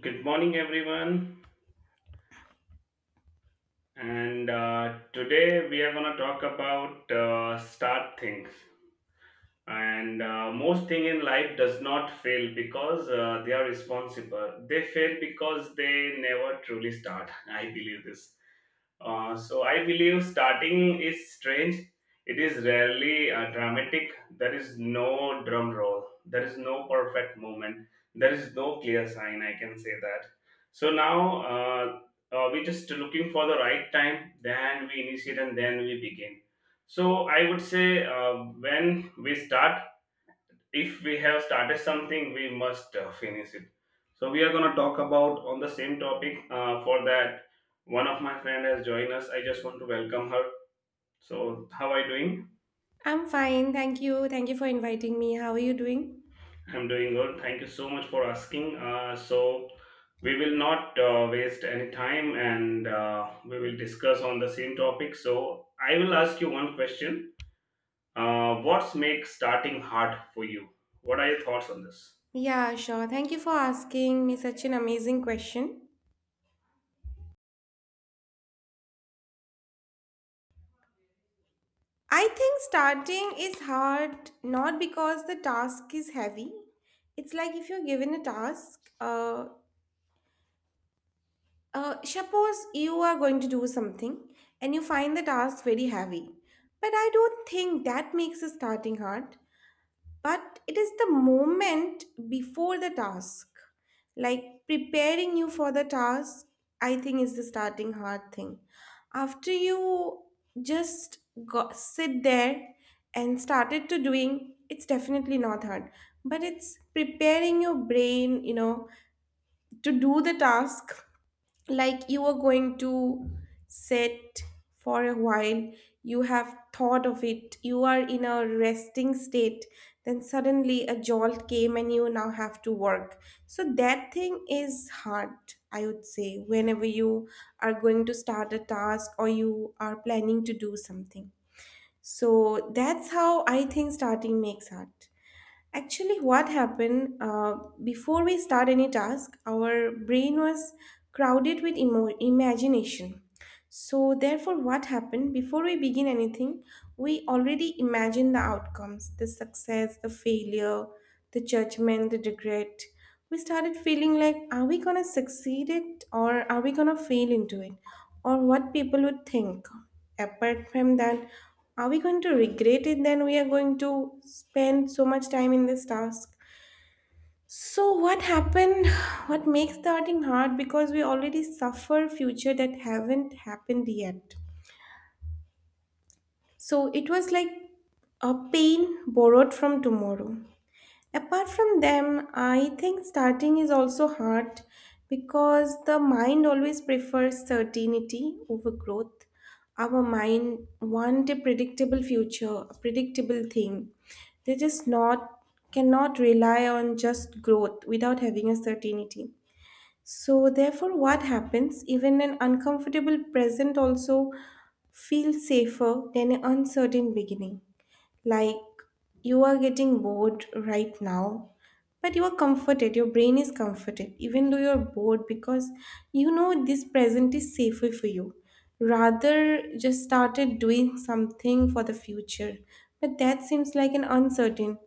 Good morning, everyone. And Today we are going to talk about start things. And Most thing in life does not fail because they are responsible. They fail because they never truly start. I believe this. So I believe starting is strange. It is rarely dramatic. There is no drum roll. There is no perfect moment. There is no clear sign. I can say that. So now we're just looking for the right time. Then we initiate and then we begin. So I would say, when we start, if we have started something, we must finish it, so we are going to talk about on the same topic, for that, one of my friend has joined us. I just want to welcome her. So how are you doing? I'm fine, thank you. Thank you for inviting me. How are you doing? I'm doing good. Thank you so much for asking. So we will not waste any time, and we will discuss on the same topic. So I will ask you one question. What's make starting hard for you? What are your thoughts on this? Yeah, sure. Thank you for asking me such an amazing question. I think starting is hard not because the task is heavy. It's like if you're given a task, suppose you are going to do something and you find the task very heavy. But I don't think that makes the starting hard, but it is the moment before the task, like preparing you for the task, I think is the starting hard thing. After you just go, sit there and started to doing, it's definitely not hard, but it's preparing your brain, you know, to do the task. Like you are going to sit for a while, you have thought of it, you are in a resting state, then suddenly a jolt came and you now have to work. So that thing is hard. I would say whenever you are going to start a task or you are planning to do something, so that's how I think starting makes art. Actually, what happened before we start any task, our brain was crowded with imagination. So, therefore, what happened before we begin anything, we already imagine the outcomes, the success, the failure, the judgment, the regret. We started feeling like, are we gonna succeed it or are we gonna fail into it? Or what people would think. Apart from that, are we going to regret it? Then we are going to spend so much time in this task. So what happened? What makes starting hard? Because we already suffer future that haven't happened yet. So it was like a pain borrowed from tomorrow. Apart from them, I think starting is also hard because the mind always prefers certainty over growth. Our mind want a predictable future, a predictable thing. They just not cannot rely on just growth without having a certainty. So therefore what happens, even an uncomfortable present also feels safer than an uncertain beginning. Like, you are getting bored right now, but you are comforted, your brain is comforted, even though you're bored because you know this present is safer for you. Rather, just started doing something for the future, but that seems like an uncertain.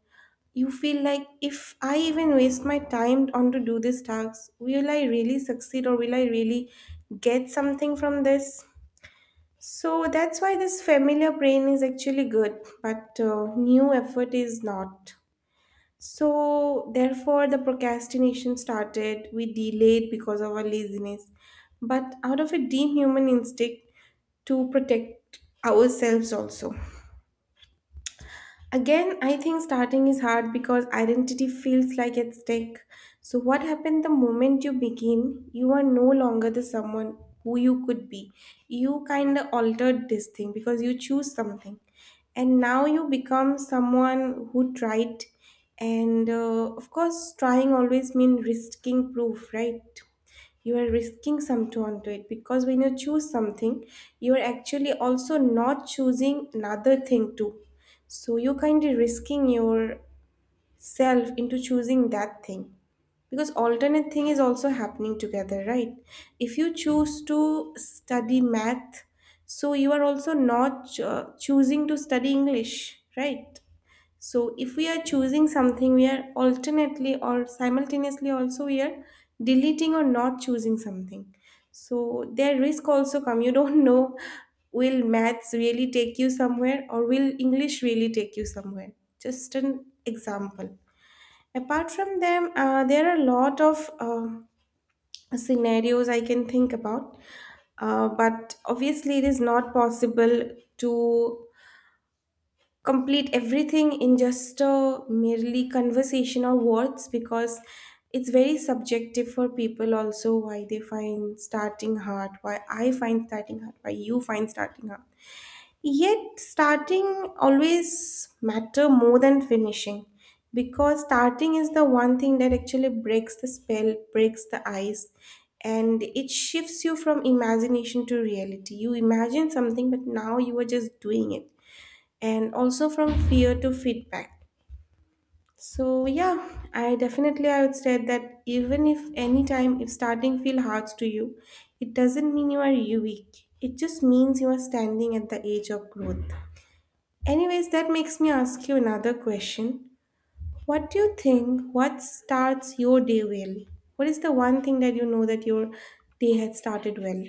You feel like if I even waste my time on to do this task, will I really succeed or will I really get something from this? So that's why this familiar brain is actually good, but new effort is not. So therefore, the procrastination started. We delayed because of our laziness, but out of a deep human instinct to protect ourselves also. Again, I think starting is hard because identity feels like at stake. So, what happened the moment you begin? You are no longer the someone who you could be. You kind of altered this thing because you choose something, and now you become someone who tried. And of course, trying always means risking proof, right? You are risking something onto it because when you choose something, you are actually also not choosing another thing too, so you're kind of risking yourself into choosing that thing because alternate thing is also happening together, right? If you choose to study math, so you are also not choosing to study English, right? So if we are choosing something, we are alternately or simultaneously also we are deleting or not choosing something. So their risk also come. You don't know, will maths really take you somewhere or will English really take you somewhere. Just an example. Apart from them, there are a lot of scenarios I can think about. But obviously, it is not possible to complete everything in just a merely conversation or words because it's very subjective for people also, why they find starting hard, why I find starting hard, why you find starting hard. Yet starting always matter more than finishing because starting is the one thing that actually breaks the spell, breaks the ice, and it shifts you from imagination to reality. You imagine something, but now you are just doing it. And also from fear to feedback. So yeah, I definitely I would say that even if any time if starting feel hard to you, it doesn't mean you are you weak. It just means you are standing at the edge of growth. Anyways, that makes me ask you another question. What do you think, what starts your day well? What is the one thing that you know that your day had started well?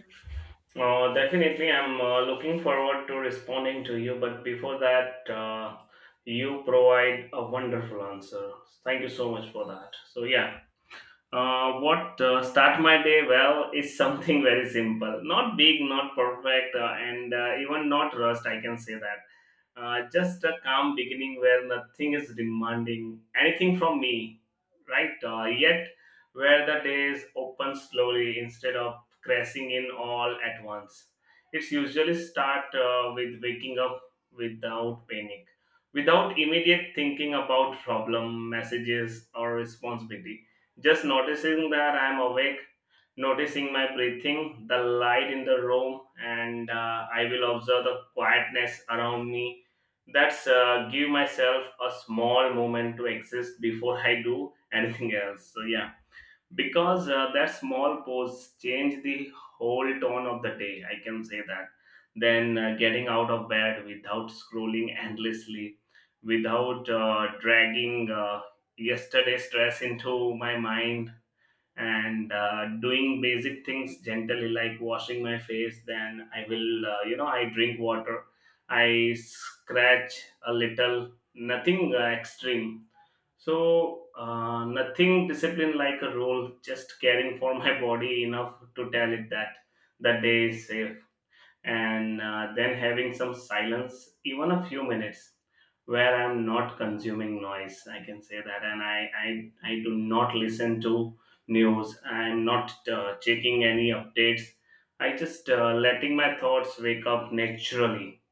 Definitely, I'm looking forward to responding to you. But before that, you provide a wonderful answer. Thank you so much for that. So, yeah. What start my day well is something very simple, not big, not perfect, and even not rushed. I can say that. Just a calm beginning where nothing is demanding anything from me, right? Yet, where the days open slowly instead of crashing in all at once. It's usually start with waking up without panic, without immediate thinking about problem, messages, or responsibility, just noticing that I'm awake, noticing my breathing, the light in the room, and I will observe the quietness around me. That's give myself a small moment to exist before I do anything else. So yeah, because that small pause change the whole tone of the day. I can say that. Then getting out of bed without scrolling endlessly, without dragging yesterday's stress into my mind, and doing basic things gently, like washing my face. Then I will, I drink water. I scratch a little, nothing extreme. So nothing discipline like a rule, just caring for my body enough to tell it that the day is safe. And then having some silence, even a few minutes where I'm not consuming noise. I can say that, and I do not listen to news. I'm not checking any updates. I just letting my thoughts wake up naturally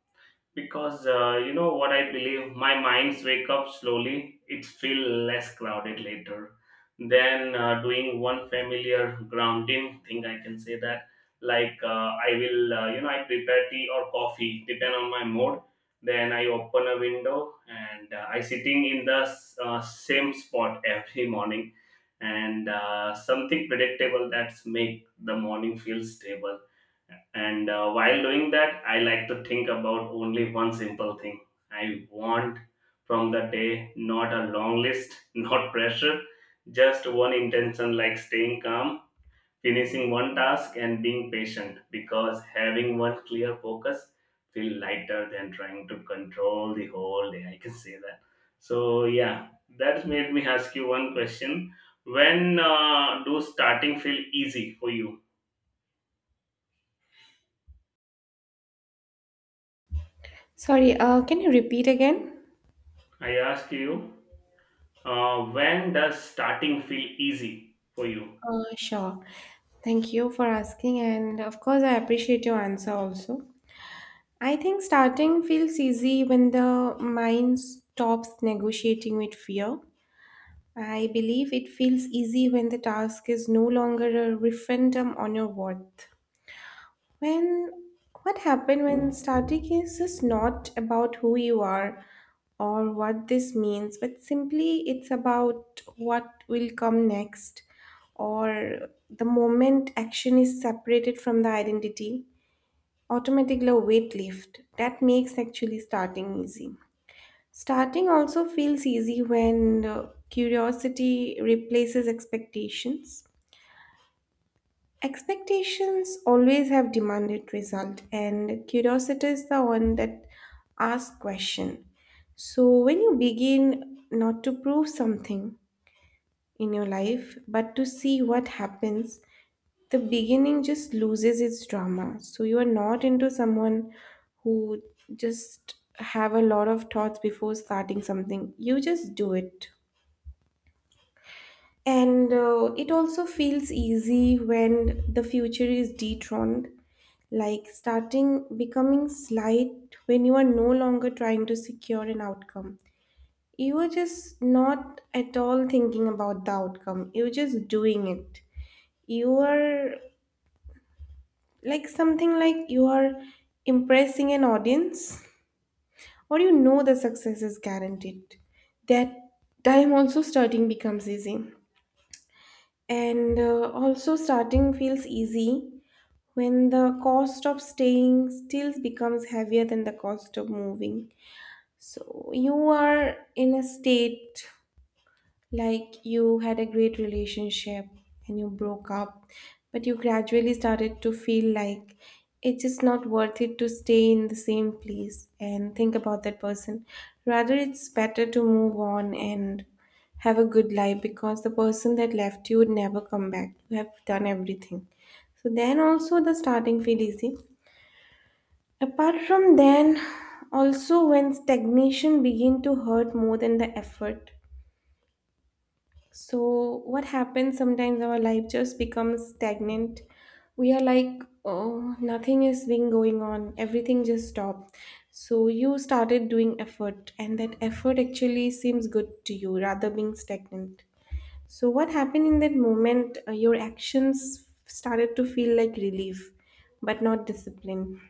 because, you know what, I believe my minds wake up slowly, it feel less crowded later, than doing one familiar grounding thing. I can say that. Like, I will, I prepare tea or coffee depend on my mood. Then I open a window, and I sitting in the same spot every morning. And something predictable that's make the morning feel stable. And while doing that, I like to think about only one simple thing I want from the day, not a long list, not pressure, just one intention like staying calm, finishing one task, and being patient, because having one clear focus feel lighter than trying to control the whole day. I can say that. So, yeah, that made me ask you one question. When do starting feel easy for you? Sorry, can you repeat again? I ask you. When does starting feel easy for you? Sure. Thank you for asking, and of course, I appreciate your answer also. I think starting feels easy when the mind stops negotiating with fear. I believe it feels easy when the task is no longer a referendum on your worth. When what happened when starting is just not about who you are or what this means, but simply it's about what will come next, or the moment action is separated from the identity, automatically a weight lift. That makes actually starting easy. Starting also feels easy when curiosity replaces expectations. Expectations always have demanded result, and curiosity is the one that asks question. So when you begin not to prove something in your life, but to see what happens, the beginning just loses its drama. So you are not into someone who just have a lot of thoughts before starting something. You just do it. And it also feels easy when the future is dethroned, like starting becoming slight when you are no longer trying to secure an outcome. You are just not at all thinking about the outcome, you're just doing it. You are like something like you are impressing an audience, or you know the success is guaranteed. That time also starting becomes easy. And also, starting feels easy when the cost of staying still becomes heavier than the cost of moving. So you are in a state like you had a great relationship and you broke up, but you gradually started to feel like it's just not worth it to stay in the same place and think about that person. Rather, it's better to move on and have a good life because the person that left you would never come back. You have done everything. So then also the starting feel easy. Apart from then, also when stagnation begin to hurt more than the effort. So what happens sometimes our life just becomes stagnant. We are like, oh, nothing is being going on. Everything just stopped. So you started doing effort and that effort actually seems good to you rather being stagnant. So what happened in that moment? Your actions started to feel like relief, but not discipline.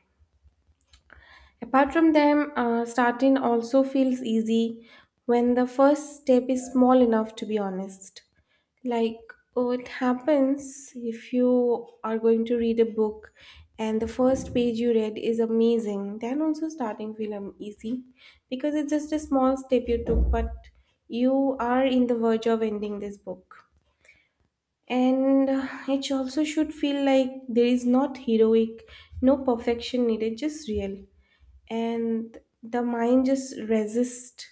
Apart from them, starting also feels easy when the first step is small enough to be honest. Like, oh, it happens if you are going to read a book and the first page you read is amazing, then also starting feel easy because it's just a small step you took, but you are in the verge of ending this book. And it also should feel like there is not heroic, no perfection needed, just real. And the mind just resists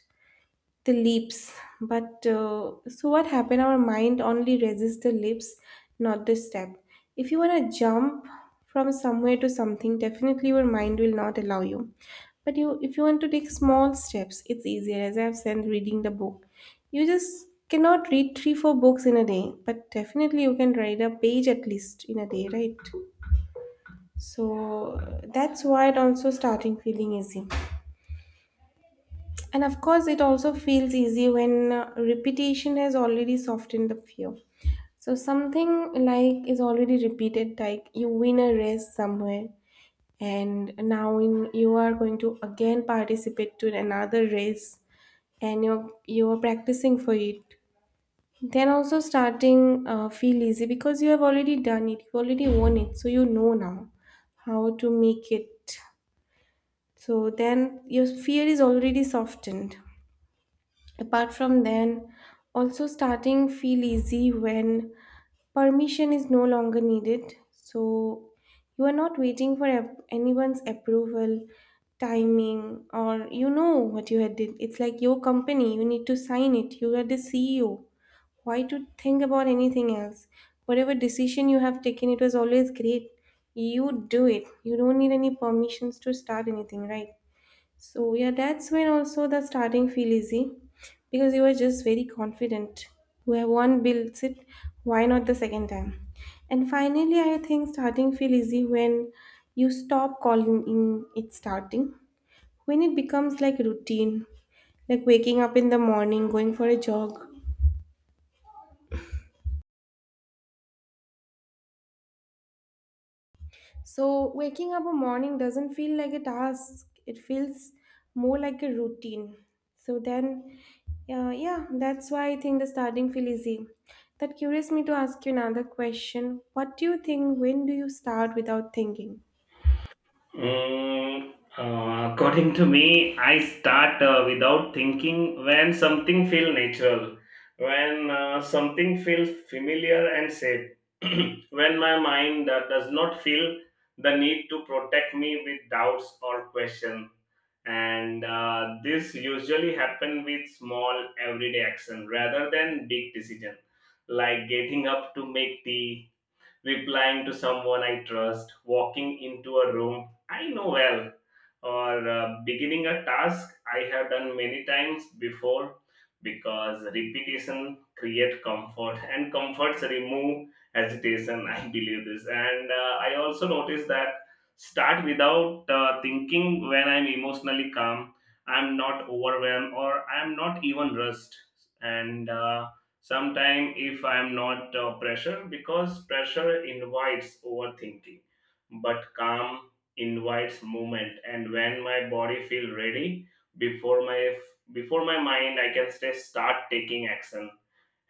the lips, but so what happened, our mind only resists the lips, not the step. If you want to jump from somewhere to something, definitely your mind will not allow you. But you, if you want to take small steps, it's easier, as I have said, reading the book. You just cannot read 3 4 books in a day, but definitely you can read a page at least in a day, right? So that's why it also starting feeling easy. And of course, it also feels easy when repetition has already softened the fear. So something like is already repeated, like you win a race somewhere, and now in you are going to again participate to another race, and you are practicing for it. Then also starting feel easy because you have already done it, you already won it, so you know now how to make it. So then your fear is already softened. Apart from then, also starting feel easy when permission is no longer needed. So you are not waiting for anyone's approval, timing, or you know what you had did. It's like your company, you need to sign it. You are the CEO. Why to think about anything else? Whatever decision you have taken, it was always great. You do it. You don't need any permissions to start anything, right? So yeah, that's when also the starting feel easy because you are just very confident. Where one builds it, why not the second time? And finally, I think starting feel easy when you stop calling in it starting. When it becomes like routine, like waking up in the morning, going for a jog. So, waking up a morning doesn't feel like a task, it feels more like a routine. So, then, yeah, that's why I think the starting feel easy. That curious me to ask you another question. What do you think? When do you start without thinking? According to me, I start without thinking when something feel natural, when something feels familiar and safe, when my mind does not feel the need to protect me with doubts or question. And this usually happen with small everyday action rather than big decision, like getting up to make tea, replying to someone I trust, walking into a room I know well, or beginning a task I have done many times before, because repetition create comfort and comforts remove hesitation. I believe this, and I also notice that start without thinking when I'm emotionally calm. I'm not overwhelmed, or I'm not even rushed. And sometimes if I'm not pressure, because pressure invites overthinking, but calm invites movement. And when my body feel ready before my before my mind, I can say, start taking action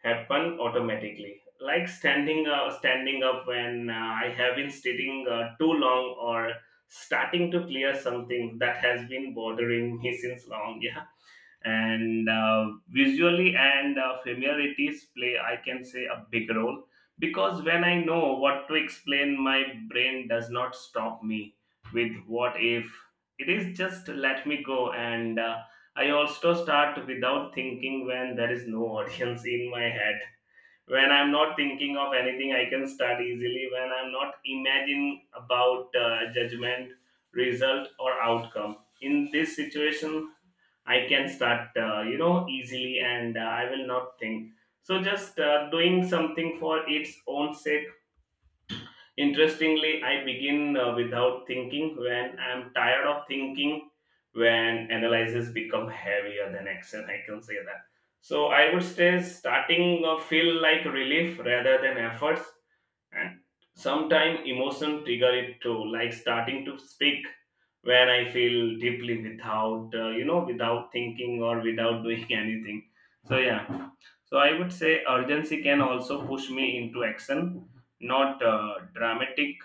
happen automatically, like standing standing up when I have been sitting too long, or starting to clear something that has been bothering me since long. Yeah. And visually and familiarities play, I can say, a big role, because when I know what to explain, my brain does not stop me with what if. It is just let me go, and I also start without thinking when there is no audience in my head. When I'm not thinking of anything, I can start easily, when I'm not imagining about judgment, result, or outcome in this situation. I can start, easily, and I will not think. So just doing something for its own sake. Interestingly, I begin without thinking when I'm tired of thinking, when analyses become heavier than action. I can say that. So I would say starting feel like relief rather than efforts, and sometimes emotion trigger it too, like starting to speak when I feel deeply without, without thinking or without doing anything. So yeah. So I would say urgency can also push me into action, not dramatic,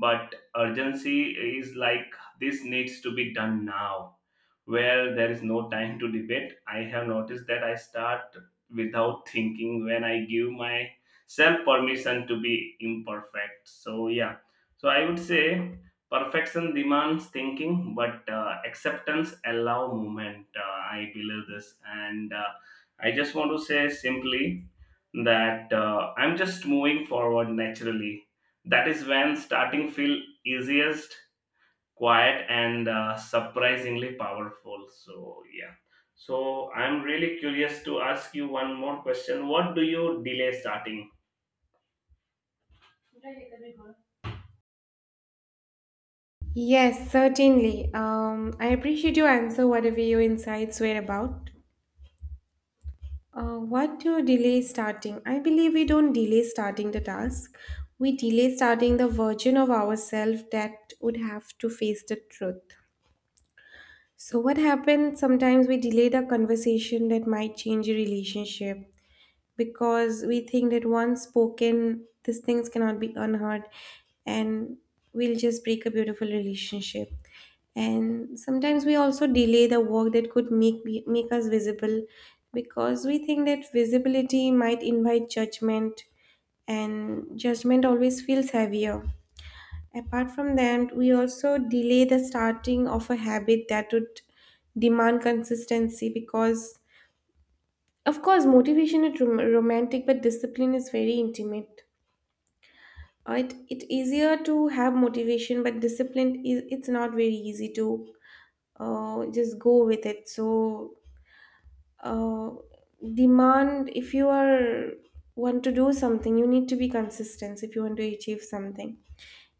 but urgency is like, this needs to be done now, where there is no time to debate. I have noticed that I start without thinking when I give myself permission to be imperfect. So, yeah, so I would say perfection demands thinking, but acceptance allow movement. I believe this, and I just want to say simply that I'm just moving forward naturally. That is when starting feel easiest, quiet and surprisingly powerful. So yeah. So I'm really curious to ask you one more question. What do you delay starting? Yes, certainly. I appreciate your answer, whatever your insights were about. What do you delay starting? I believe we don't delay starting the task. We delay starting the version of ourselves that would have to face the truth. So, what happens sometimes we delay the conversation that might change a relationship, because we think that once spoken, these things cannot be unheard and we'll just break a beautiful relationship. And sometimes we also delay the work that could make us visible because we think that visibility might invite judgment, and judgment always feels heavier. Apart from that, we also delay the starting of a habit that would demand consistency because of course, motivation is romantic, but discipline is very intimate. It it easier to have motivation, but discipline is it's not very easy to just go with it. So uh, demand if you are want to do something, you need to be consistent if you want to achieve something.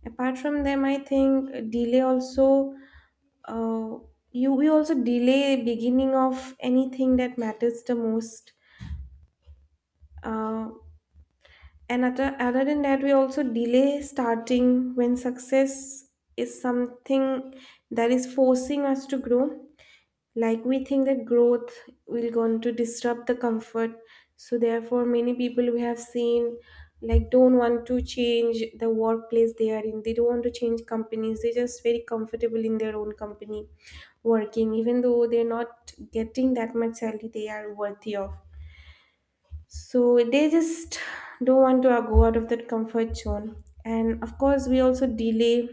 Apart from them, I think delay also uh, you we also delay beginning of anything that matters the most. Uh, And other than that, we also delay starting when success is something that is forcing us to grow. Like we think that growth will going to disrupt the comfort. So therefore, many people we have seen like don't want to change the workplace they are in. They don't want to change companies. They're just very comfortable in their own company working, even though they're not getting that much salary they are worthy of, so they just don't want to go out of that comfort zone. And of course we also delay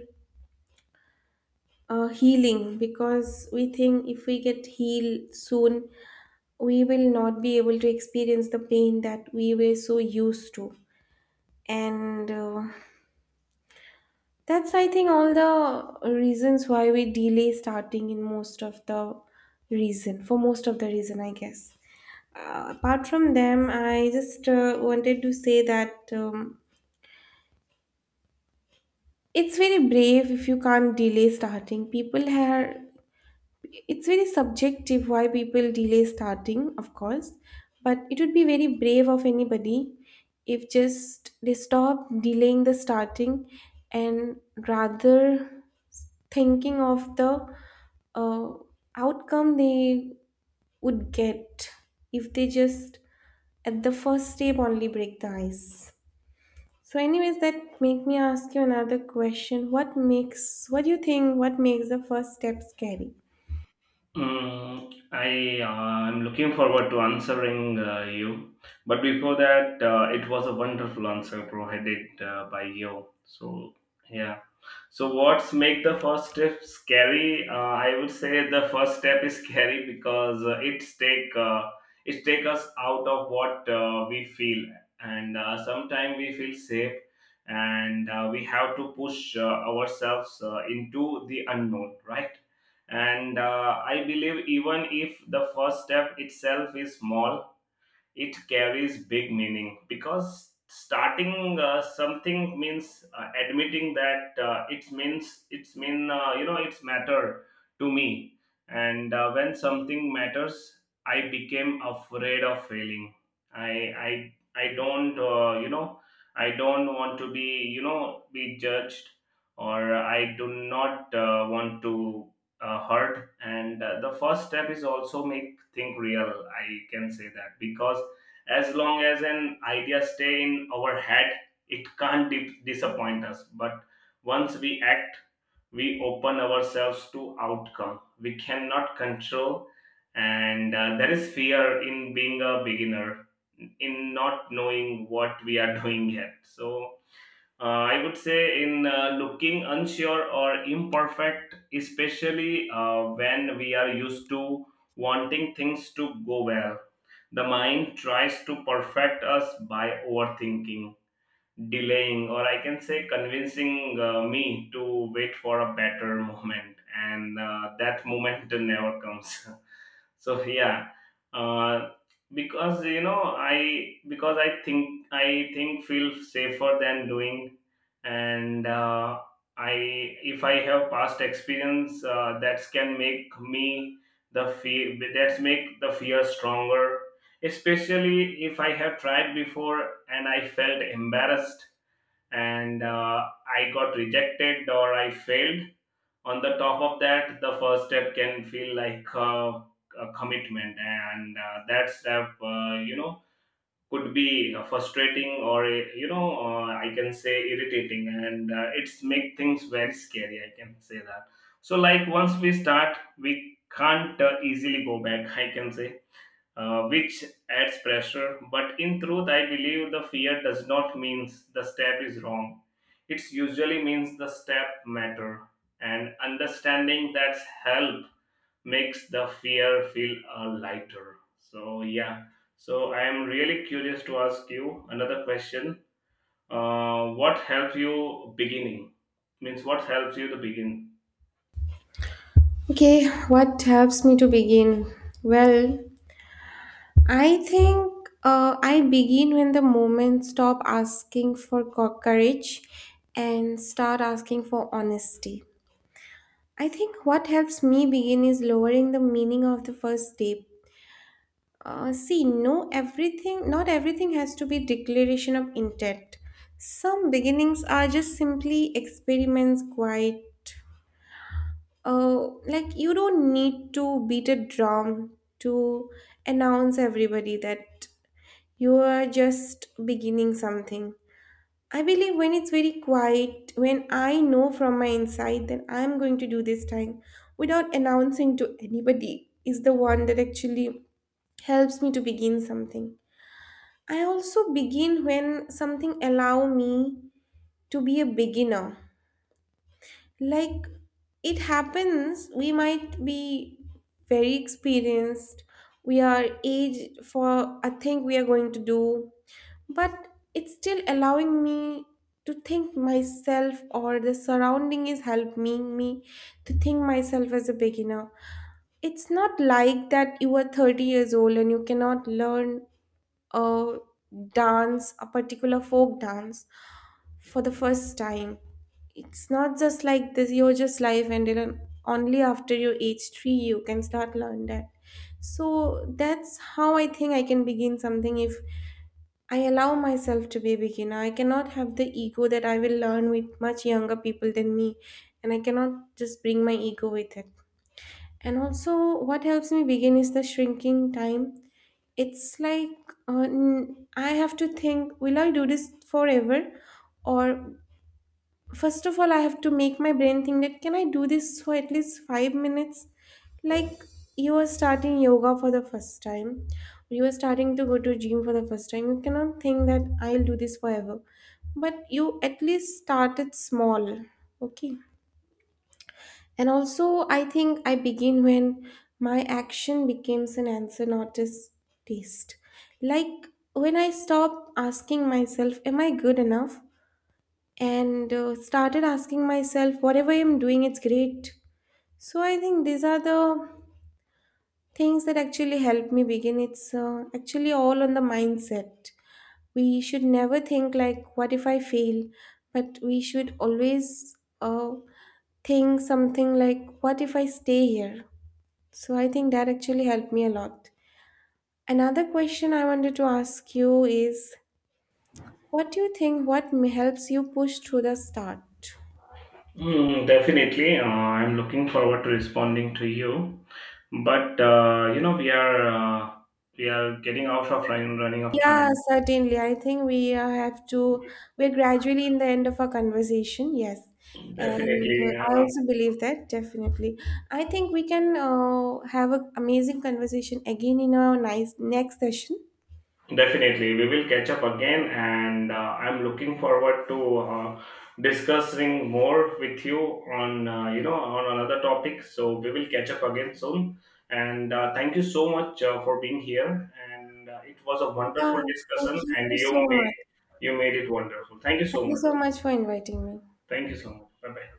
healing because we think if we get healed soon we will not be able to experience the pain that we were so used to, and that's I think all the reasons why we delay starting in most of the reason for most of the reason I guess. Apart from them I just wanted to say that it's very brave if you can't delay starting. People are, it's very subjective why people delay starting, of course, but it would be very brave of anybody if just they stop delaying the starting and rather thinking of the uh, outcome they would get if they just at the first step only break the ice. So, anyways, that make me ask you another question. What do you think what makes the first step scary? I am looking forward to answering you. But before that, it was a wonderful answer provided by you. So yeah. So what's make the first step scary? I would say the first step is scary because it take us out of what we feel, and sometimes we feel safe, and we have to push ourselves into the unknown, right? And I believe even if the first step itself is small, it carries big meaning, because starting something means admitting that, it means it's mean it's matter to me. And when something matters, I became afraid of failing. I i i don't, I don't want to be, be judged, or I do not want to hurt. And the first step is also make think real, I can say that, because as long as an idea stay in our head, it can't disappoint us. But once we act, we open ourselves to outcome we cannot control. And there is fear in being a beginner, in not knowing what we are doing yet. So I would say, in looking unsure or imperfect, especially when we are used to wanting things to go well, the mind tries to perfect us by overthinking, delaying, or I can say convincing me to wait for a better moment, and that moment never comes. So yeah, uh, because you know I because I think feel safer than doing, and I if I have past experience that can make me the fear stronger, especially if I have tried before and I felt embarrassed, and I got rejected or I failed. On the top of that, the first step can feel like a commitment, and that step, could be frustrating, or I can say irritating, and it's make things very scary. I can say that. So, like once we start, we can't easily go back, I can say, which adds pressure. But in truth, I believe the fear does not means the step is wrong. It usually means the step matter. And understanding that's help makes the fear feel lighter. So yeah. So I am really curious to ask you another question. What helps you beginning? Means what helps you to begin? Okay, what helps me to begin? Well, I think I begin when the moment stop asking for courage and start asking for honesty. I think what helps me begin is lowering the meaning of the first step. See, no, not everything has to be declaration of intent. Some beginnings are just simply experiments, quite. Like you don't need to beat a drum to announce everybody that you are just beginning something. I believe when it's very quiet, when I know from my inside that I'm going to do this time without announcing to anybody, is the one that actually helps me to begin something. I also begin when something allow me to be a beginner. Like it happens, we might be very experienced. We are aged for a thing we are going to do, but it's still allowing me to think myself, or the surrounding is helping me to think myself as a beginner. It's not like that you are 30 years old and you cannot learn a dance, a particular folk dance for the first time. It's not just like this, you're just live and then only after your age three you can start learn that. So that's how I think I can begin something if I allow myself to be a beginner. I cannot have the ego that I will learn with much younger people than me, and I cannot just bring my ego with it. And also, what helps me begin is the shrinking time. It's like I have to think, will I do this forever? Or first of all, I have to make my brain think that can I do this for at least 5 minutes? Like you are starting yoga for the first time, you are starting to go to gym for the first time. You cannot think that I'll do this forever, but you at least started small, okay? And also, I think I begin when my action becomes an answer, not a taste. Like when I stop asking myself, am I good enough? And started asking myself, whatever I'm doing, it's great. So I think these are the things that actually help me begin. It's actually all on the mindset. We should never think, like, what if I fail? But we should always uh, think something like, what if I stay here? So I think that actually helped me a lot. Another question I wanted to ask you is what do you think helps you push through the start? Definitely. I'm looking forward to responding to you. But we are getting out of running of Yeah, time. certainly. I think we have to, we're gradually in the end of our conversation, yes. And Definitely, I uh, also believe that, definitely. I think we can have an amazing conversation again in our nice next session. definitely, we will catch up again, and I'm looking forward to discussing more with you on, on another topic. So we will catch up again soon. And thank you so much for being here. And it was a Yeah, wonderful discussion, thank you and you so made much. you made it wonderful. Thank you Thank so you much. so much for inviting me. Thank you so much. Bye bye.